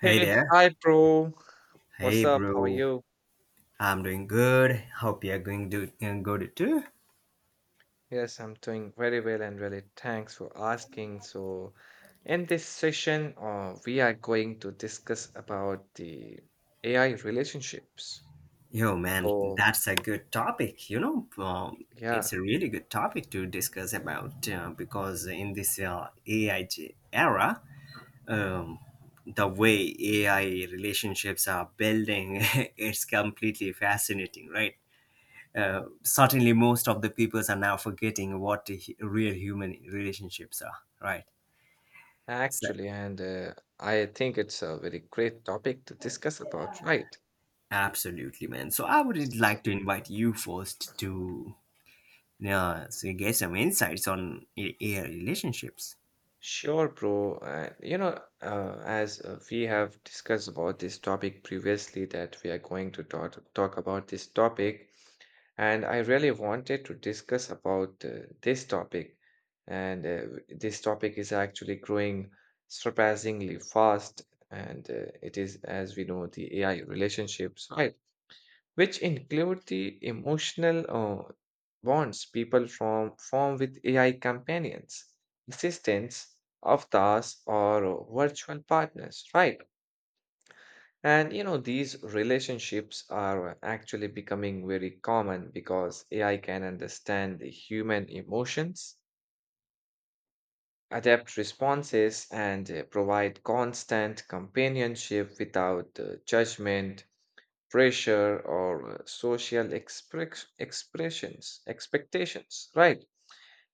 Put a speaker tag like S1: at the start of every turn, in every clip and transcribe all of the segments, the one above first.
S1: Hey
S2: Hey,
S1: there.
S2: hi, bro. What's
S1: Hey,
S2: up? How are
S1: bro.
S2: you?
S1: I'm doing good. Hope you're going to good too.
S2: Yes, I'm doing very well and really thanks for asking. So, in this session, we are going to discuss about the AI relationships.
S1: Yo, man,
S2: So,
S1: that's a good topic. You know, it's a
S2: yeah,
S1: really good topic to discuss about because in this AI era, um, the way AI relationships are building, it's completely fascinating, right? Certainly, most of the peoples are now forgetting what the real human relationships are, right? So,
S2: actually, and I think it's a very great topic to discuss about, right?
S1: Absolutely, man. So I would
S2: So,
S1: like to invite you first to, yeah, so get some insights on AI relationships.
S2: Sure, bro. As we have discussed about this topic previously, that we are going to talk about this topic, and I really wanted to discuss about this topic. And This topic is actually growing surpassingly fast, and it is, as we know, the AI relationships, right? Which include the emotional bonds people from form with AI companions, assistants, avatars, or virtual partners, right? And you know, these relationships are actually becoming very common because AI can understand the human emotions, adapt responses, and provide constant companionship without judgment, pressure, or social expectations, right?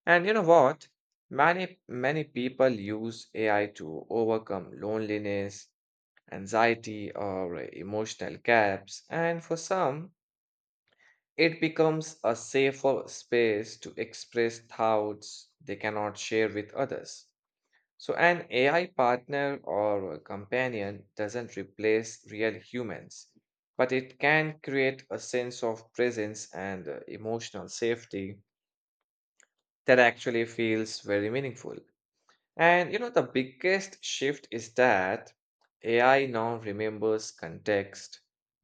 S2: And you know what? Many, many people use AI to overcome loneliness anxiety, or emotional gaps. And for some, it becomes a safer space to express thoughts they cannot share with others. So, an AI partner or a companion doesn't replace real humans, but it can create a sense of presence and emotional safety that actually feels very meaningful. And you know, the biggest shift is that AI now remembers context,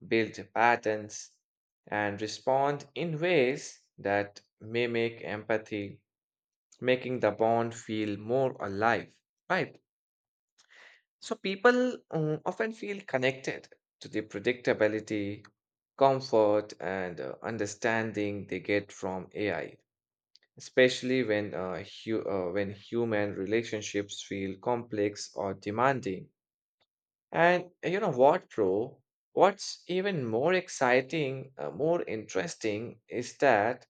S2: builds patterns, and respond in ways that mimic empathy, making the bond feel more alive, right? So people often feel connected to the predictability, comfort, and understanding they get from AI especially when when human relationships feel complex or demanding. And you know what, bro? What's even more exciting, more interesting is that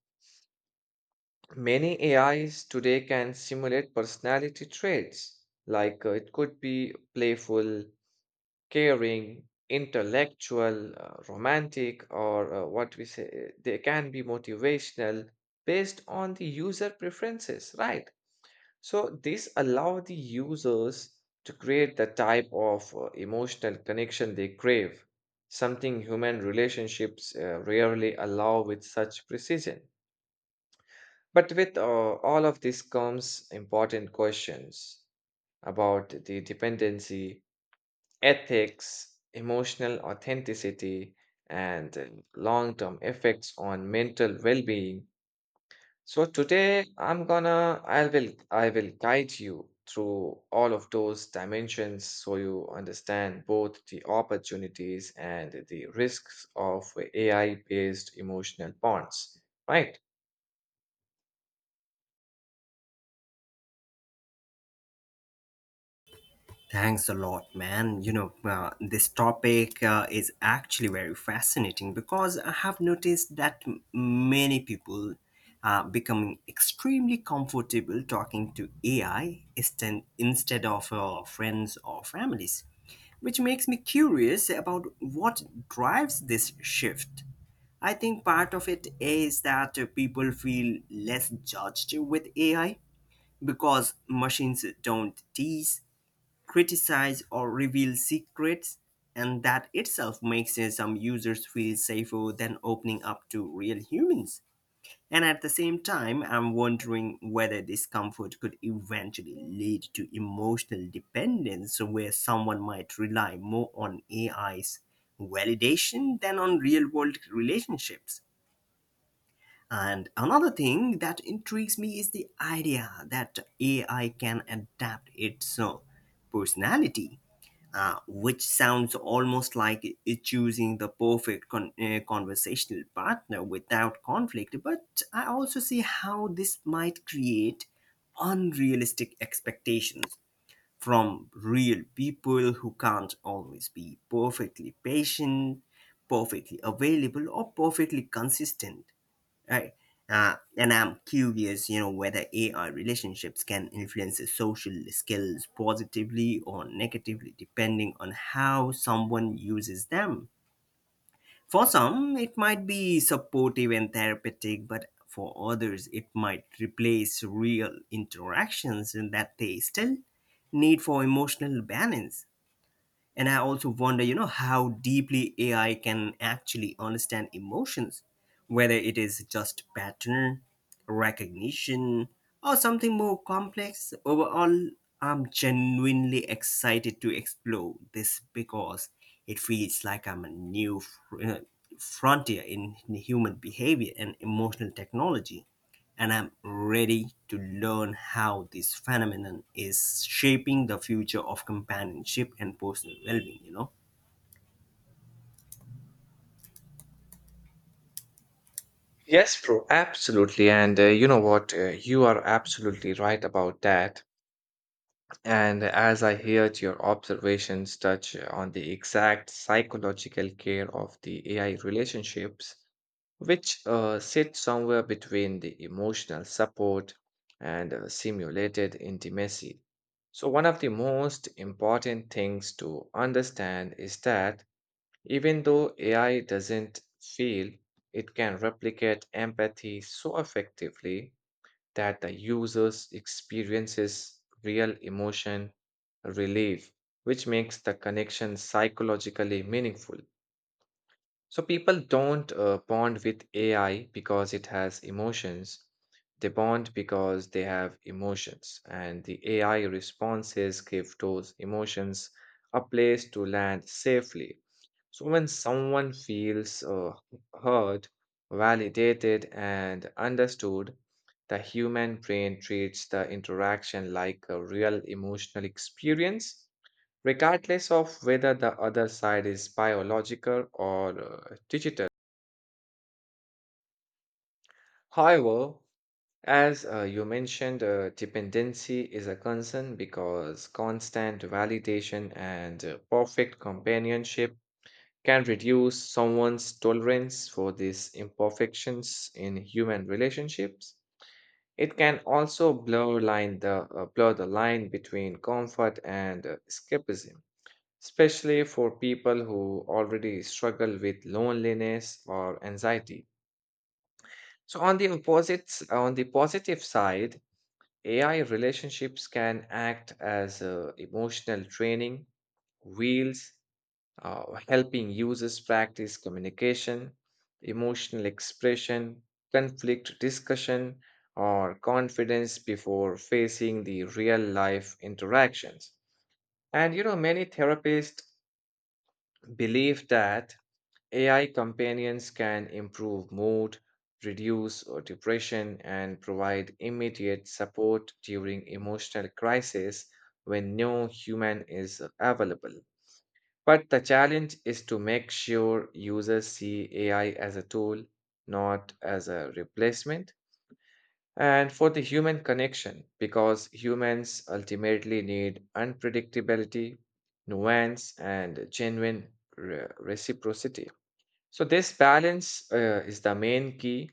S2: many AIs today can simulate personality traits. Like it could be playful, caring, intellectual, romantic, or what we say, they can be motivational based on the user preferences, right? So this allow the users to create the type of emotional connection they crave, something human relationships rarely allow with such precision. But with all of this comes important questions about the dependency, ethics, emotional authenticity, and long term effects on mental well being. So today I will guide you through all of those dimensions so you understand both the opportunities and the risks of AI-based emotional bonds, right?
S1: Thanks a lot, man. You know, this topic is actually very fascinating because I have noticed that many people are becoming extremely comfortable talking to AI instead of friends or families, which makes me curious about what drives this shift. I think part of it is that people feel less judged with AI because machines don't tease, criticize, or reveal secrets, and that itself makes some users feel safer than opening up to real humans. And at the same time, I'm wondering whether this comfort could eventually lead to emotional dependence where someone might rely more on AI's validation than on real world relationships. And another thing that intrigues me is the idea that AI can adapt its personality, which sounds almost like it choosing the perfect conversational partner without conflict. But I also see how this might create unrealistic expectations from real people who can't always be perfectly patient, perfectly available, or perfectly consistent. Right. And I'm curious, you know, whether AI relationships can influence the social skills positively or negatively, depending on how someone uses them. For some, it might be supportive and therapeutic, but for others, it might replace real interactions and that they still need for emotional balance. And I also wonder, you know, how deeply ai can actually understand emotions, whether it is just pattern recognition or something more complex. Overall, I'm genuinely excited to explore this because it feels like I'm a new frontier in human behavior and emotional technology, and I'm ready to learn how this phenomenon is shaping the future of companionship and personal well-being, you know?
S2: Yes, bro. Absolutely. And you know what? You are absolutely right about that. And as I heard, your observations touch on the exact psychological care of the AI relationships, which sit somewhere between the emotional support and simulated intimacy. So, one of the most important things to understand is that even though AI doesn't feel, it can replicate empathy so effectively that the users experiences real emotion relief, which makes the connection psychologically meaningful. So people don't bond with AI because it has emotions. They bond because they have emotions, and the AI responses give those emotions a place to land safely. So when someone feels heard, validated, and understood, the human brain treats the interaction like a real emotional experience regardless of whether the other side is biological or digital. However, as you mentioned, dependency is a concern because constant validation and perfect companionship can reduce someone's tolerance for these imperfections in human relationships. It can also blur the line between comfort and escapism especially for people who already struggle with loneliness or anxiety. So on the opposites, on the positive side, AI relationships can act as emotional training wheels, helping users practice communication, emotional expression, conflict discussion, or confidence before facing the real life interactions. And you know, many therapists believe that AI companions can improve mood, reduce depression, and provide immediate support during emotional crisis when no human is available. But the challenge is to make sure users see AI as a tool, not as a replacement, and for the human connection, because humans ultimately need unpredictability, nuance, and genuine reciprocity. So, this balance is the main key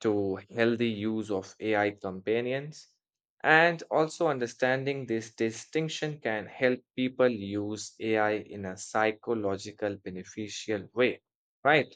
S2: to healthy use of AI companions. And also, understanding this distinction can help people use AI in a psychological, beneficial way, right?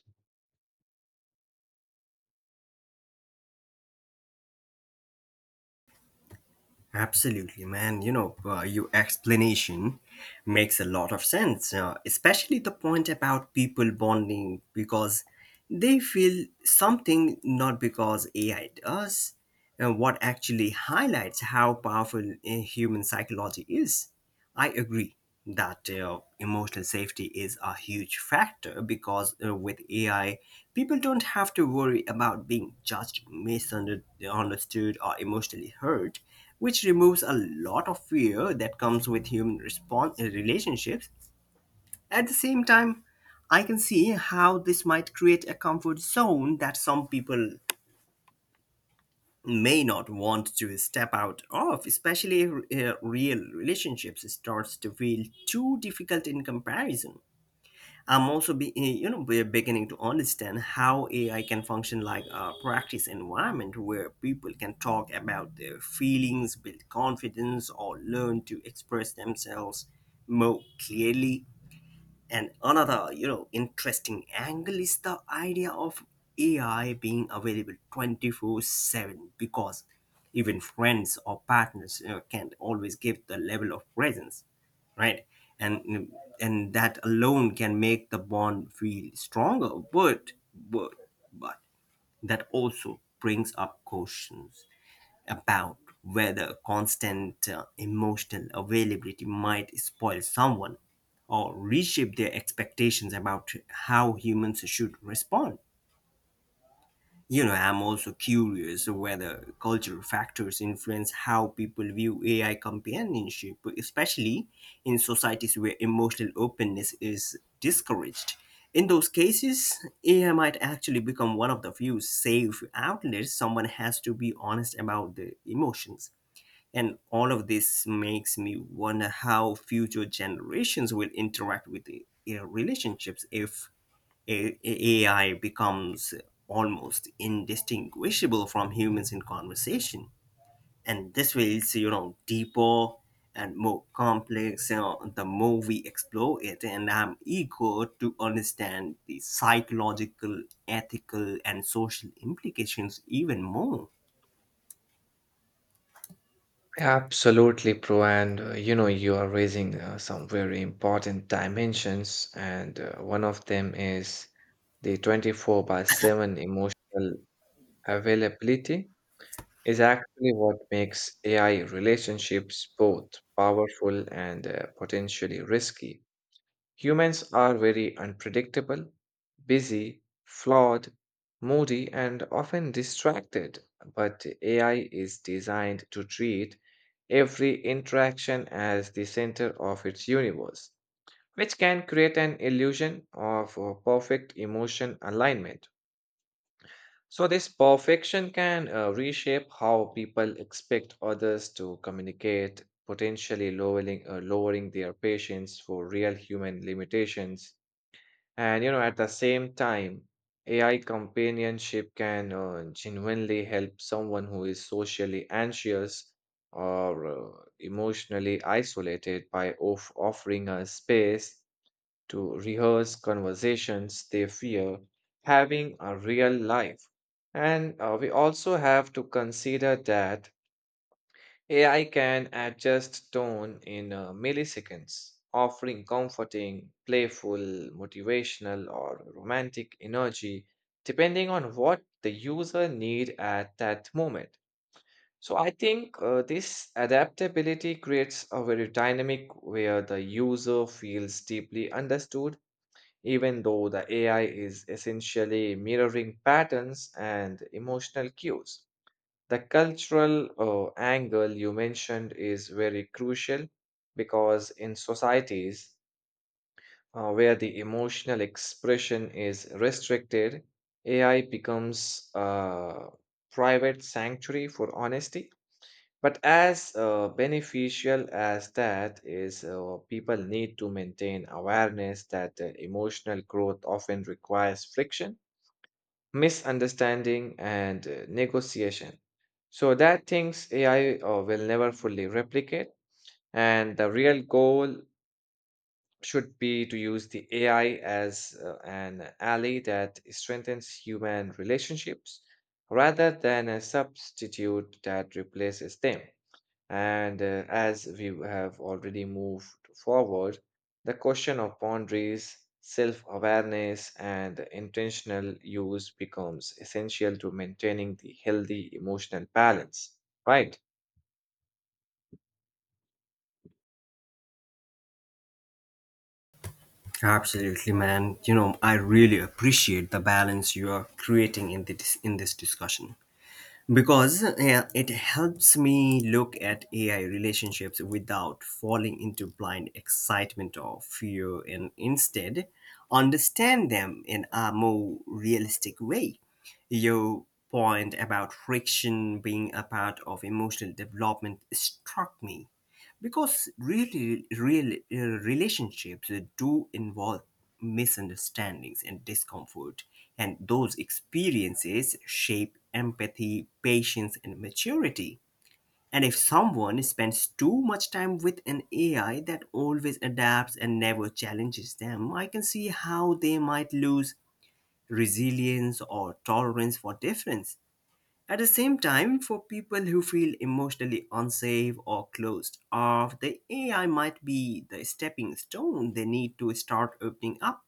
S1: Absolutely, man. You know, your explanation makes a lot of sense, especially the point about people bonding because they feel something not because AI does, and what actually highlights how powerful human psychology is. I agree that emotional safety is a huge factor because with AI, people don't have to worry about being judged, misunderstood, or emotionally hurt, which removes a lot of fear that comes with human response relationships. At the same time, I can see how this might create a comfort zone that some people may not want to step out of, especially if real relationships starts to feel too difficult in comparison. I'm also be, you know We're beginning to understand how AI can function like a practice environment where people can talk about their feelings, build confidence, or learn to express themselves more clearly. And another, you know, interesting angle is the idea of AI being available 24/7 because even friends or partners, you know, can't always give the level of presence, right? And and that alone can make the bond feel stronger, but but that also brings up questions about whether constant emotional availability might spoil someone or reshape their expectations about how humans should respond. You know, I'm also curious whether cultural factors influence how people view AI companionship, especially in societies where emotional openness is discouraged. In those cases, AI might actually become one of the few safe outlets someone has to be honest about the emotions. And all of this makes me wonder how future generations will interact with the relationships if AI becomes almost indistinguishable from humans in conversation. And this feels, you know, deeper and more complex, you know, the more we explore it. And I'm eager to understand the psychological, ethical, and social implications even more.
S2: Absolutely, Pro. And you know, you are raising some very important dimensions, and one of them is the 24/7 emotional availability is actually what makes AI relationships both powerful and potentially risky. Humans are very unpredictable, busy, flawed, moody, and often distracted, but AI is designed to treat every interaction as the center of its universe, which can create an illusion of perfect emotion alignment. So, this perfection can reshape how people expect others to communicate, lowering their patience for real human limitations. And, you know, at the same time, AI companionship can genuinely help someone who is socially anxious or emotionally isolated by offering a space to rehearse conversations they fear having a real life. And we also have to consider that AI can adjust tone in milliseconds, offering comforting, playful, motivational, or romantic energy depending on what the user need at that moment. So I think this adaptability creates a very dynamic where the user feels deeply understood even though the AI is essentially mirroring patterns and emotional cues. The cultural angle you mentioned is very crucial because in societies where the emotional expression is restricted, AI becomes a private sanctuary for honesty, but as beneficial as that is, people need to maintain awareness that emotional growth often requires friction, misunderstanding, and negotiation. So that things AI will never fully replicate, and the real goal should be to use the AI as an ally that strengthens human relationships rather than a substitute that replaces them. And as we have already moved forward, the question of boundaries, self awareness, and intentional use becomes essential to maintaining the healthy emotional balance. Right?
S1: Absolutely, man. You know, I really appreciate the balance you are creating in this discussion because it helps me look at AI relationships without falling into blind excitement or fear, and instead understand them in a more realistic way. Your point about friction being a part of emotional development struck me because really, real relationships do involve misunderstandings and discomfort, and those experiences shape empathy, patience, and maturity. And if someone spends too much time with an AI that always adapts and never challenges them, I can see how they might lose resilience or tolerance for difference. At the same time, for people who feel emotionally unsafe or closed off, the AI might be the stepping stone they need to start opening up.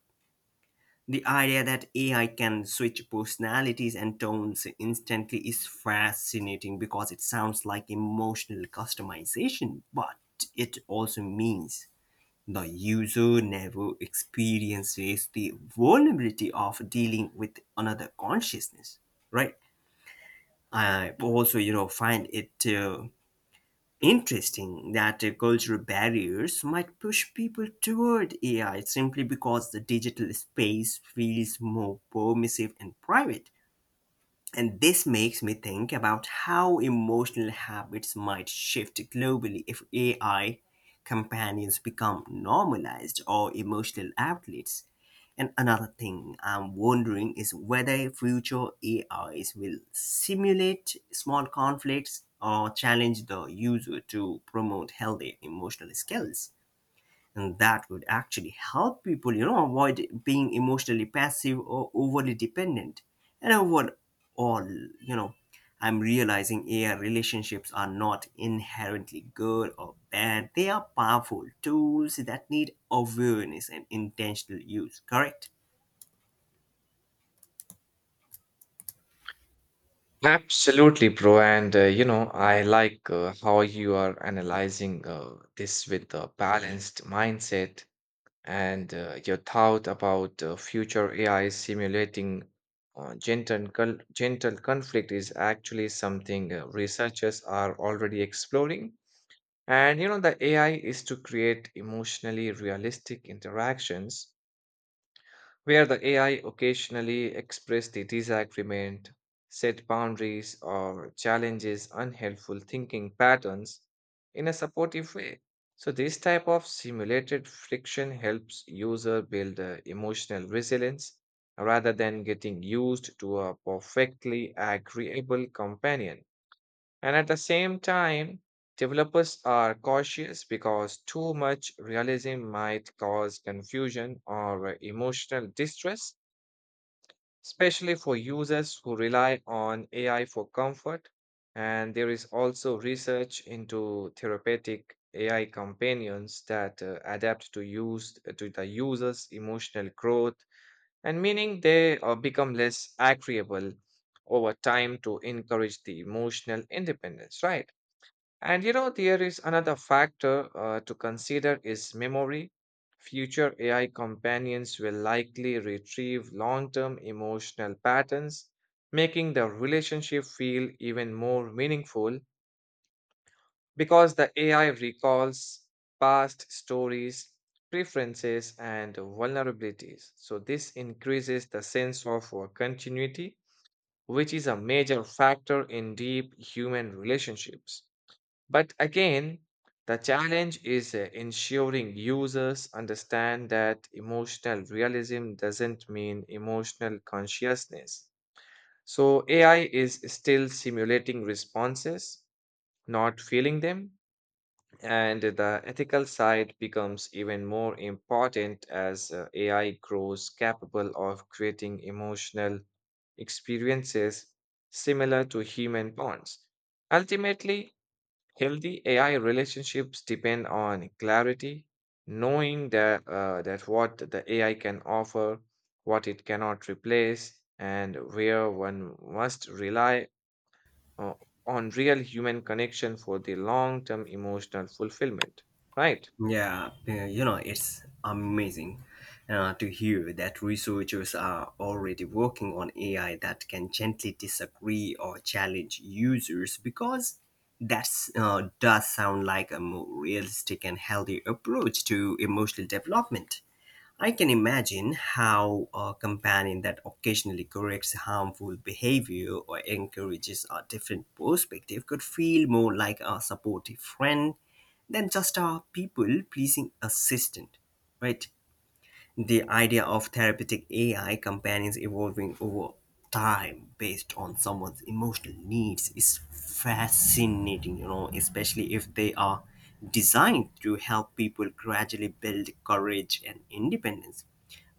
S1: The idea that AI can switch personalities and tones instantly is fascinating because it sounds like emotional customization, but it also means the user never experiences the vulnerability of dealing with another consciousness, right? I also, you know, find it interesting that cultural barriers might push people toward AI simply because the digital space feels more permissive and private. And this makes me think about how emotional habits might shift globally if AI companions become normalized or emotional outlets. And another thing I'm wondering is whether future AIs will simulate small conflicts or challenge the user to promote healthy emotional skills, and that would actually help people, you know, avoid being emotionally passive or overly dependent. And overall, you know, I'm realizing ai relationships are not inherently good or bad. They are powerful tools that need awareness and intentional use, correct?
S2: Absolutely, bro. And you know, I like how you are analyzing this with a balanced mindset, and your thought about future AI simulating gentle conflict is actually something researchers are already exploring. And you know, the AI is to create emotionally realistic interactions where the AI occasionally expressed the disagreement, set boundaries, or challenges unhelpful thinking patterns in a supportive way. So, this type of simulated friction helps user build emotional resilience rather than getting used to a perfectly agreeable companion. And at the same time, developers are cautious because too much realism might cause confusion or emotional distress, especially for users who rely on AI for comfort. And there is also research into therapeutic AI companions that adapt to use to the user's emotional growth and meaning they become less agreeable over time to encourage the emotional independence, right? And you know, there is another factor to consider is memory. Future AI companions will likely retrieve long-term emotional patterns, making the relationship feel even more meaningful because the AI recalls past stories, preferences, and vulnerabilities. So this increases the sense of continuity, which is a major factor in deep human relationships. But again, the challenge is ensuring users understand that emotional realism doesn't mean emotional consciousness. So, AI is still simulating responses, not feeling them, and the ethical side becomes even more important as AI grows capable of creating emotional experiences similar to human bonds. Ultimately, healthy AI relationships depend on clarity, knowing that what the AI can offer, what it cannot replace, and where one must rely uh, on real human connection for the long term emotional fulfillment. Right?
S1: Yeah, you know, it's amazing to hear that researchers are already working on AI that can gently disagree or challenge users because that's does sound like a more realistic and healthy approach to emotional development. I can imagine how a companion that occasionally corrects harmful behavior or encourages a different perspective could feel more like a supportive friend than just a people pleasing assistant, right? The idea of therapeutic AI companions evolving over time based on someone's emotional needs is fascinating, you know, especially if they are designed to help people gradually build courage and independence.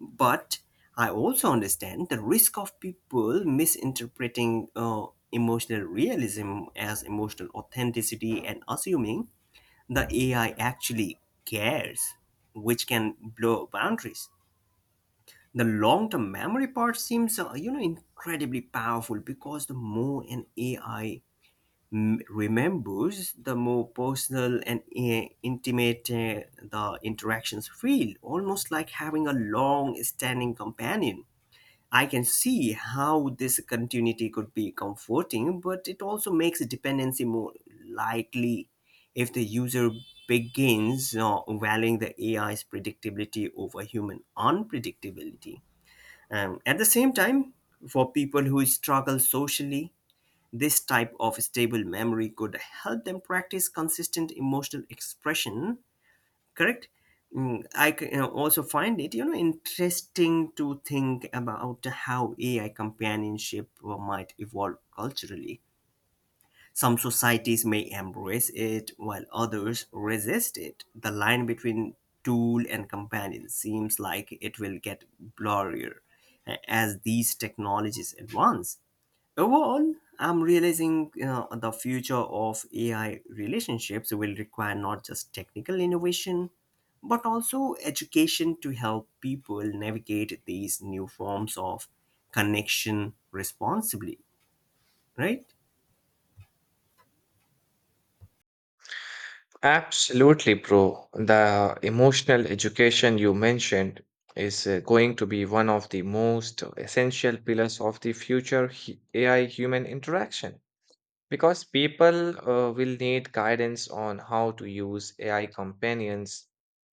S1: But I also understand the risk of people misinterpreting emotional realism as emotional authenticity and assuming the AI actually cares, which can blow boundaries. The long-term memory part seems, you know, incredibly powerful because the more an AI remembers, the more personal and intimate, the interactions feel, almost like having a long-standing companion. I can see how this continuity could be comforting, but it also makes dependency more likely if the user begins valuing the AI's predictability over human unpredictability. At the same time, for people who struggle socially, this type of stable memory could help them practice consistent emotional expression, correct? Mm, I also find it, interesting to think about how ai companionship might evolve culturally. Some societies may embrace it while others resist it. The line between tool and companion seems like it will get blurrier as these technologies advance. Overall, I'm realizing, you know, the future of AI relationships will require not just technical innovation, but also education to help people navigate these new forms of connection responsibly, right?
S2: Absolutely, bro. The emotional education you mentioned is going to be one of the most essential pillars of the future AI human interaction. Because people will need guidance on how to use AI companions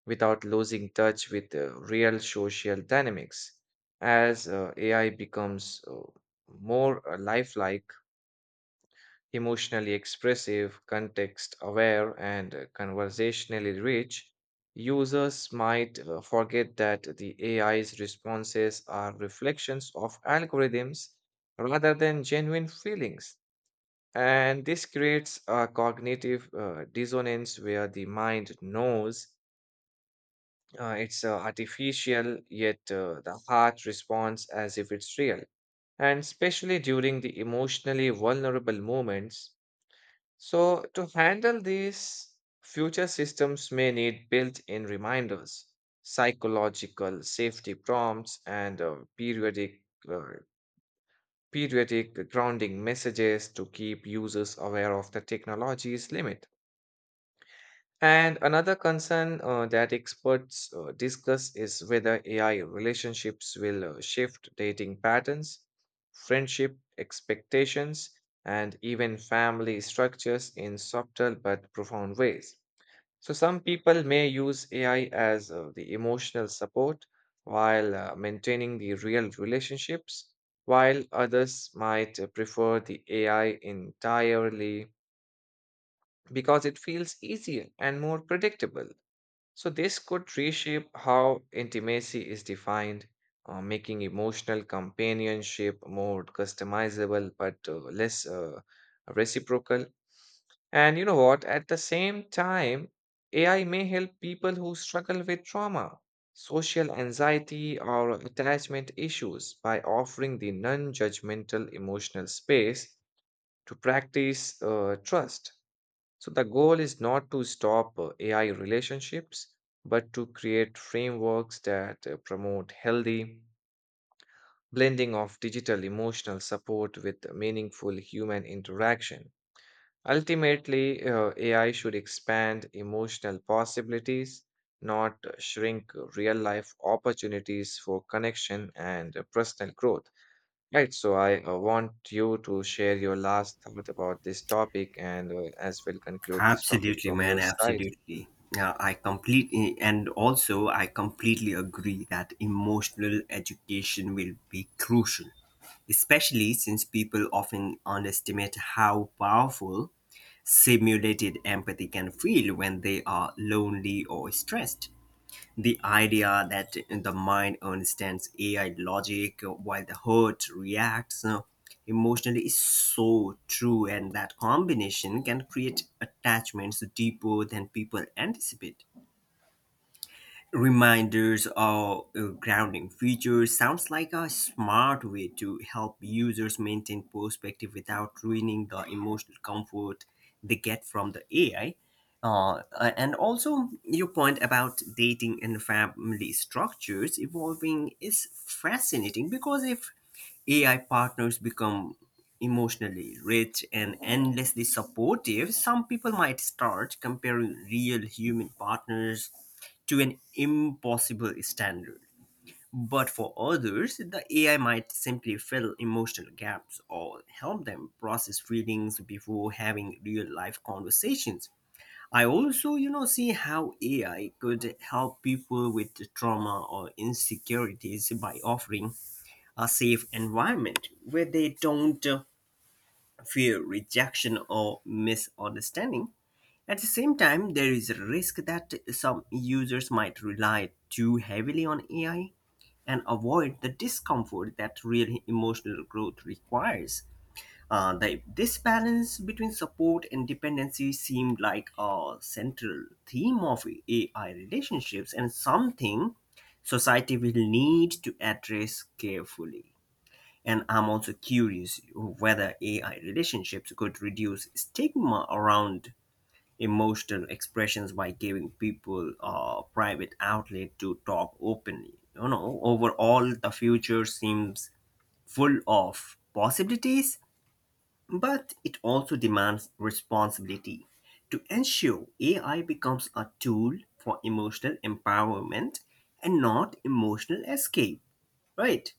S2: without losing touch with the real social dynamics. As AI becomes more lifelike, emotionally expressive, context aware, and conversationally rich, users might forget that the AI's responses are reflections of algorithms rather than genuine feelings. And this creates a cognitive dissonance where the mind knows it's artificial, yet the heart responds as if it's real. And especially during the emotionally vulnerable moments. So, to handle these, future systems may need built in reminders, psychological safety prompts, and Uh, periodic grounding messages to keep users aware of the technology's limit. And another concern that experts discuss is whether AI relationships will shift dating patterns, friendship expectations, and even family structures in subtle but profound ways. So, some people may use AI as the emotional support while maintaining the real relationships, while others might prefer the AI entirely because it feels easier and more predictable. So, this could reshape how intimacy is defined, making emotional companionship more customizable but less reciprocal. And you know what? At the same time, AI may help people who struggle with trauma, social anxiety, or attachment issues by offering the non judgmental emotional space to practice trust. So the goal is not to stop AI relationships, but to create frameworks that promote healthy blending of digital emotional support with meaningful human interaction. Ultimately, AI should expand emotional possibilities, not shrink real life opportunities for connection and personal growth. Right, so I want you to share your last thought about this topic and as well conclude this topic
S1: Absolutely,
S2: from
S1: man.
S2: your side.
S1: Absolutely. Yeah, I completely, and also I completely agree that emotional education will be crucial, especially since people often underestimate how powerful simulated empathy can feel when they are lonely or stressed. The idea that the mind understands AI logic while the heart reacts emotionally is so true, and that combination can create attachments deeper than people anticipate. Reminders or grounding features sounds like a smart way to help users maintain perspective without ruining the emotional comfort they get from the AI. And also, your point about dating and family structures evolving is fascinating because if AI partners become emotionally rich and endlessly supportive, some people might start comparing real human partners to an impossible standard. But for others, the AI might simply fill emotional gaps or help them process feelings before having real life conversations. I also, you know, see how AI could help people with trauma or insecurities by offering a safe environment where they don't fear rejection or misunderstanding. At the same time, there is a risk that some users might rely too heavily on AI and avoid the discomfort that real emotional growth requires. This balance between support and dependency seemed like a central theme of AI relationships and something society will need to address carefully. And I'm also curious whether AI relationships could reduce stigma around emotional expressions by giving people a private outlet to talk openly. You know, overall, the future seems full of possibilities, but it also demands responsibility to ensure AI becomes a tool for emotional empowerment and not emotional escape, right?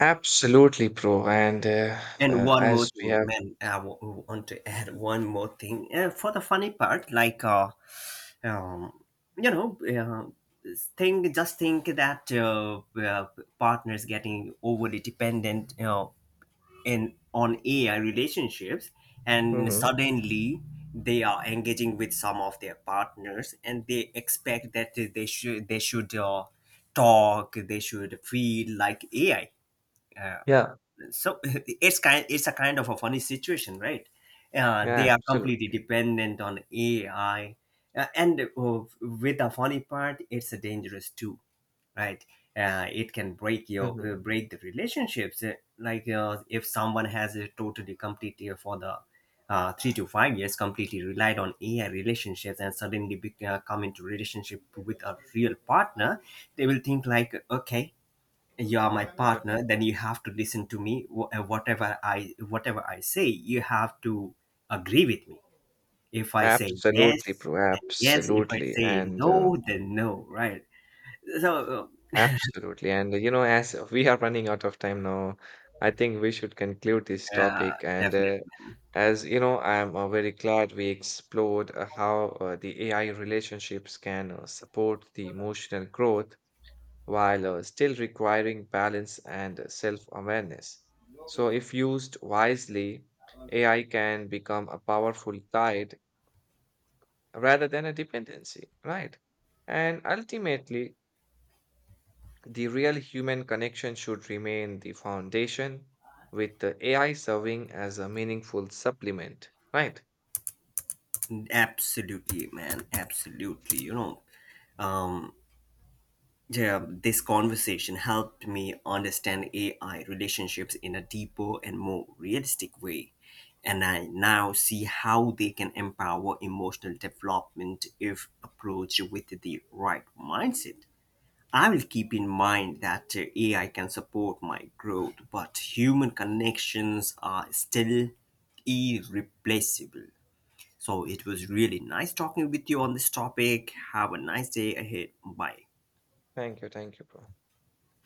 S2: Absolutely, bro. And
S1: And one more
S2: as we
S1: thing,
S2: have,
S1: man, want to add one more thing. For the funny part, uh, you know, uh, think, just think that partners getting overly dependent, you know, in on AI relationships, and
S2: Mhm.
S1: suddenly they are engaging with some of their partners, and they expect that they should talk, they should feel like AI. Uh,
S2: Yeah,
S1: so, it's a kind of a funny situation, right?
S2: yeah,
S1: They are completely
S2: absolutely.
S1: dependent on ai. And uh, with the funny part, it's dangerous too, right? It can break your
S2: Mhm.
S1: break the relationships. Like, if someone has a totally completely for the 3 to 5 years completely relied on ai relationships, and suddenly come into relationship with a real partner, they will think like, okay, you are my
S2: Yeah.
S1: partner, then you have to listen to me. Whatever I say, you have to agree with me. If I say
S2: Absolutely,
S1: yes,
S2: bro.
S1: then yes. If I
S2: Absolutely.
S1: say
S2: And
S1: no, then no, right? So
S2: absolutely. And you know, as we are running out of time now, I think we should conclude this
S1: yeah,
S2: topic. And
S1: definitely, man.
S2: as you know, I'm very glad we explored how the AI relationships can support the emotional growth while still requiring balance and self awareness. So, if used wisely, AI can become a powerful guide rather than a dependency, right? And ultimately, the real human connection should remain the foundation, with the AI serving as a meaningful supplement, right?
S1: Absolutely, man. Absolutely, you know. Yeah, this conversation helped me understand AI relationships in a deeper and more realistic way. And I now see how they can empower emotional development if approached with the right mindset. I will keep in mind that AI can support my growth, but human connections are still irreplaceable. So it was really nice talking with you on this topic. Have a nice day ahead. Bye.
S2: Thank you, bro.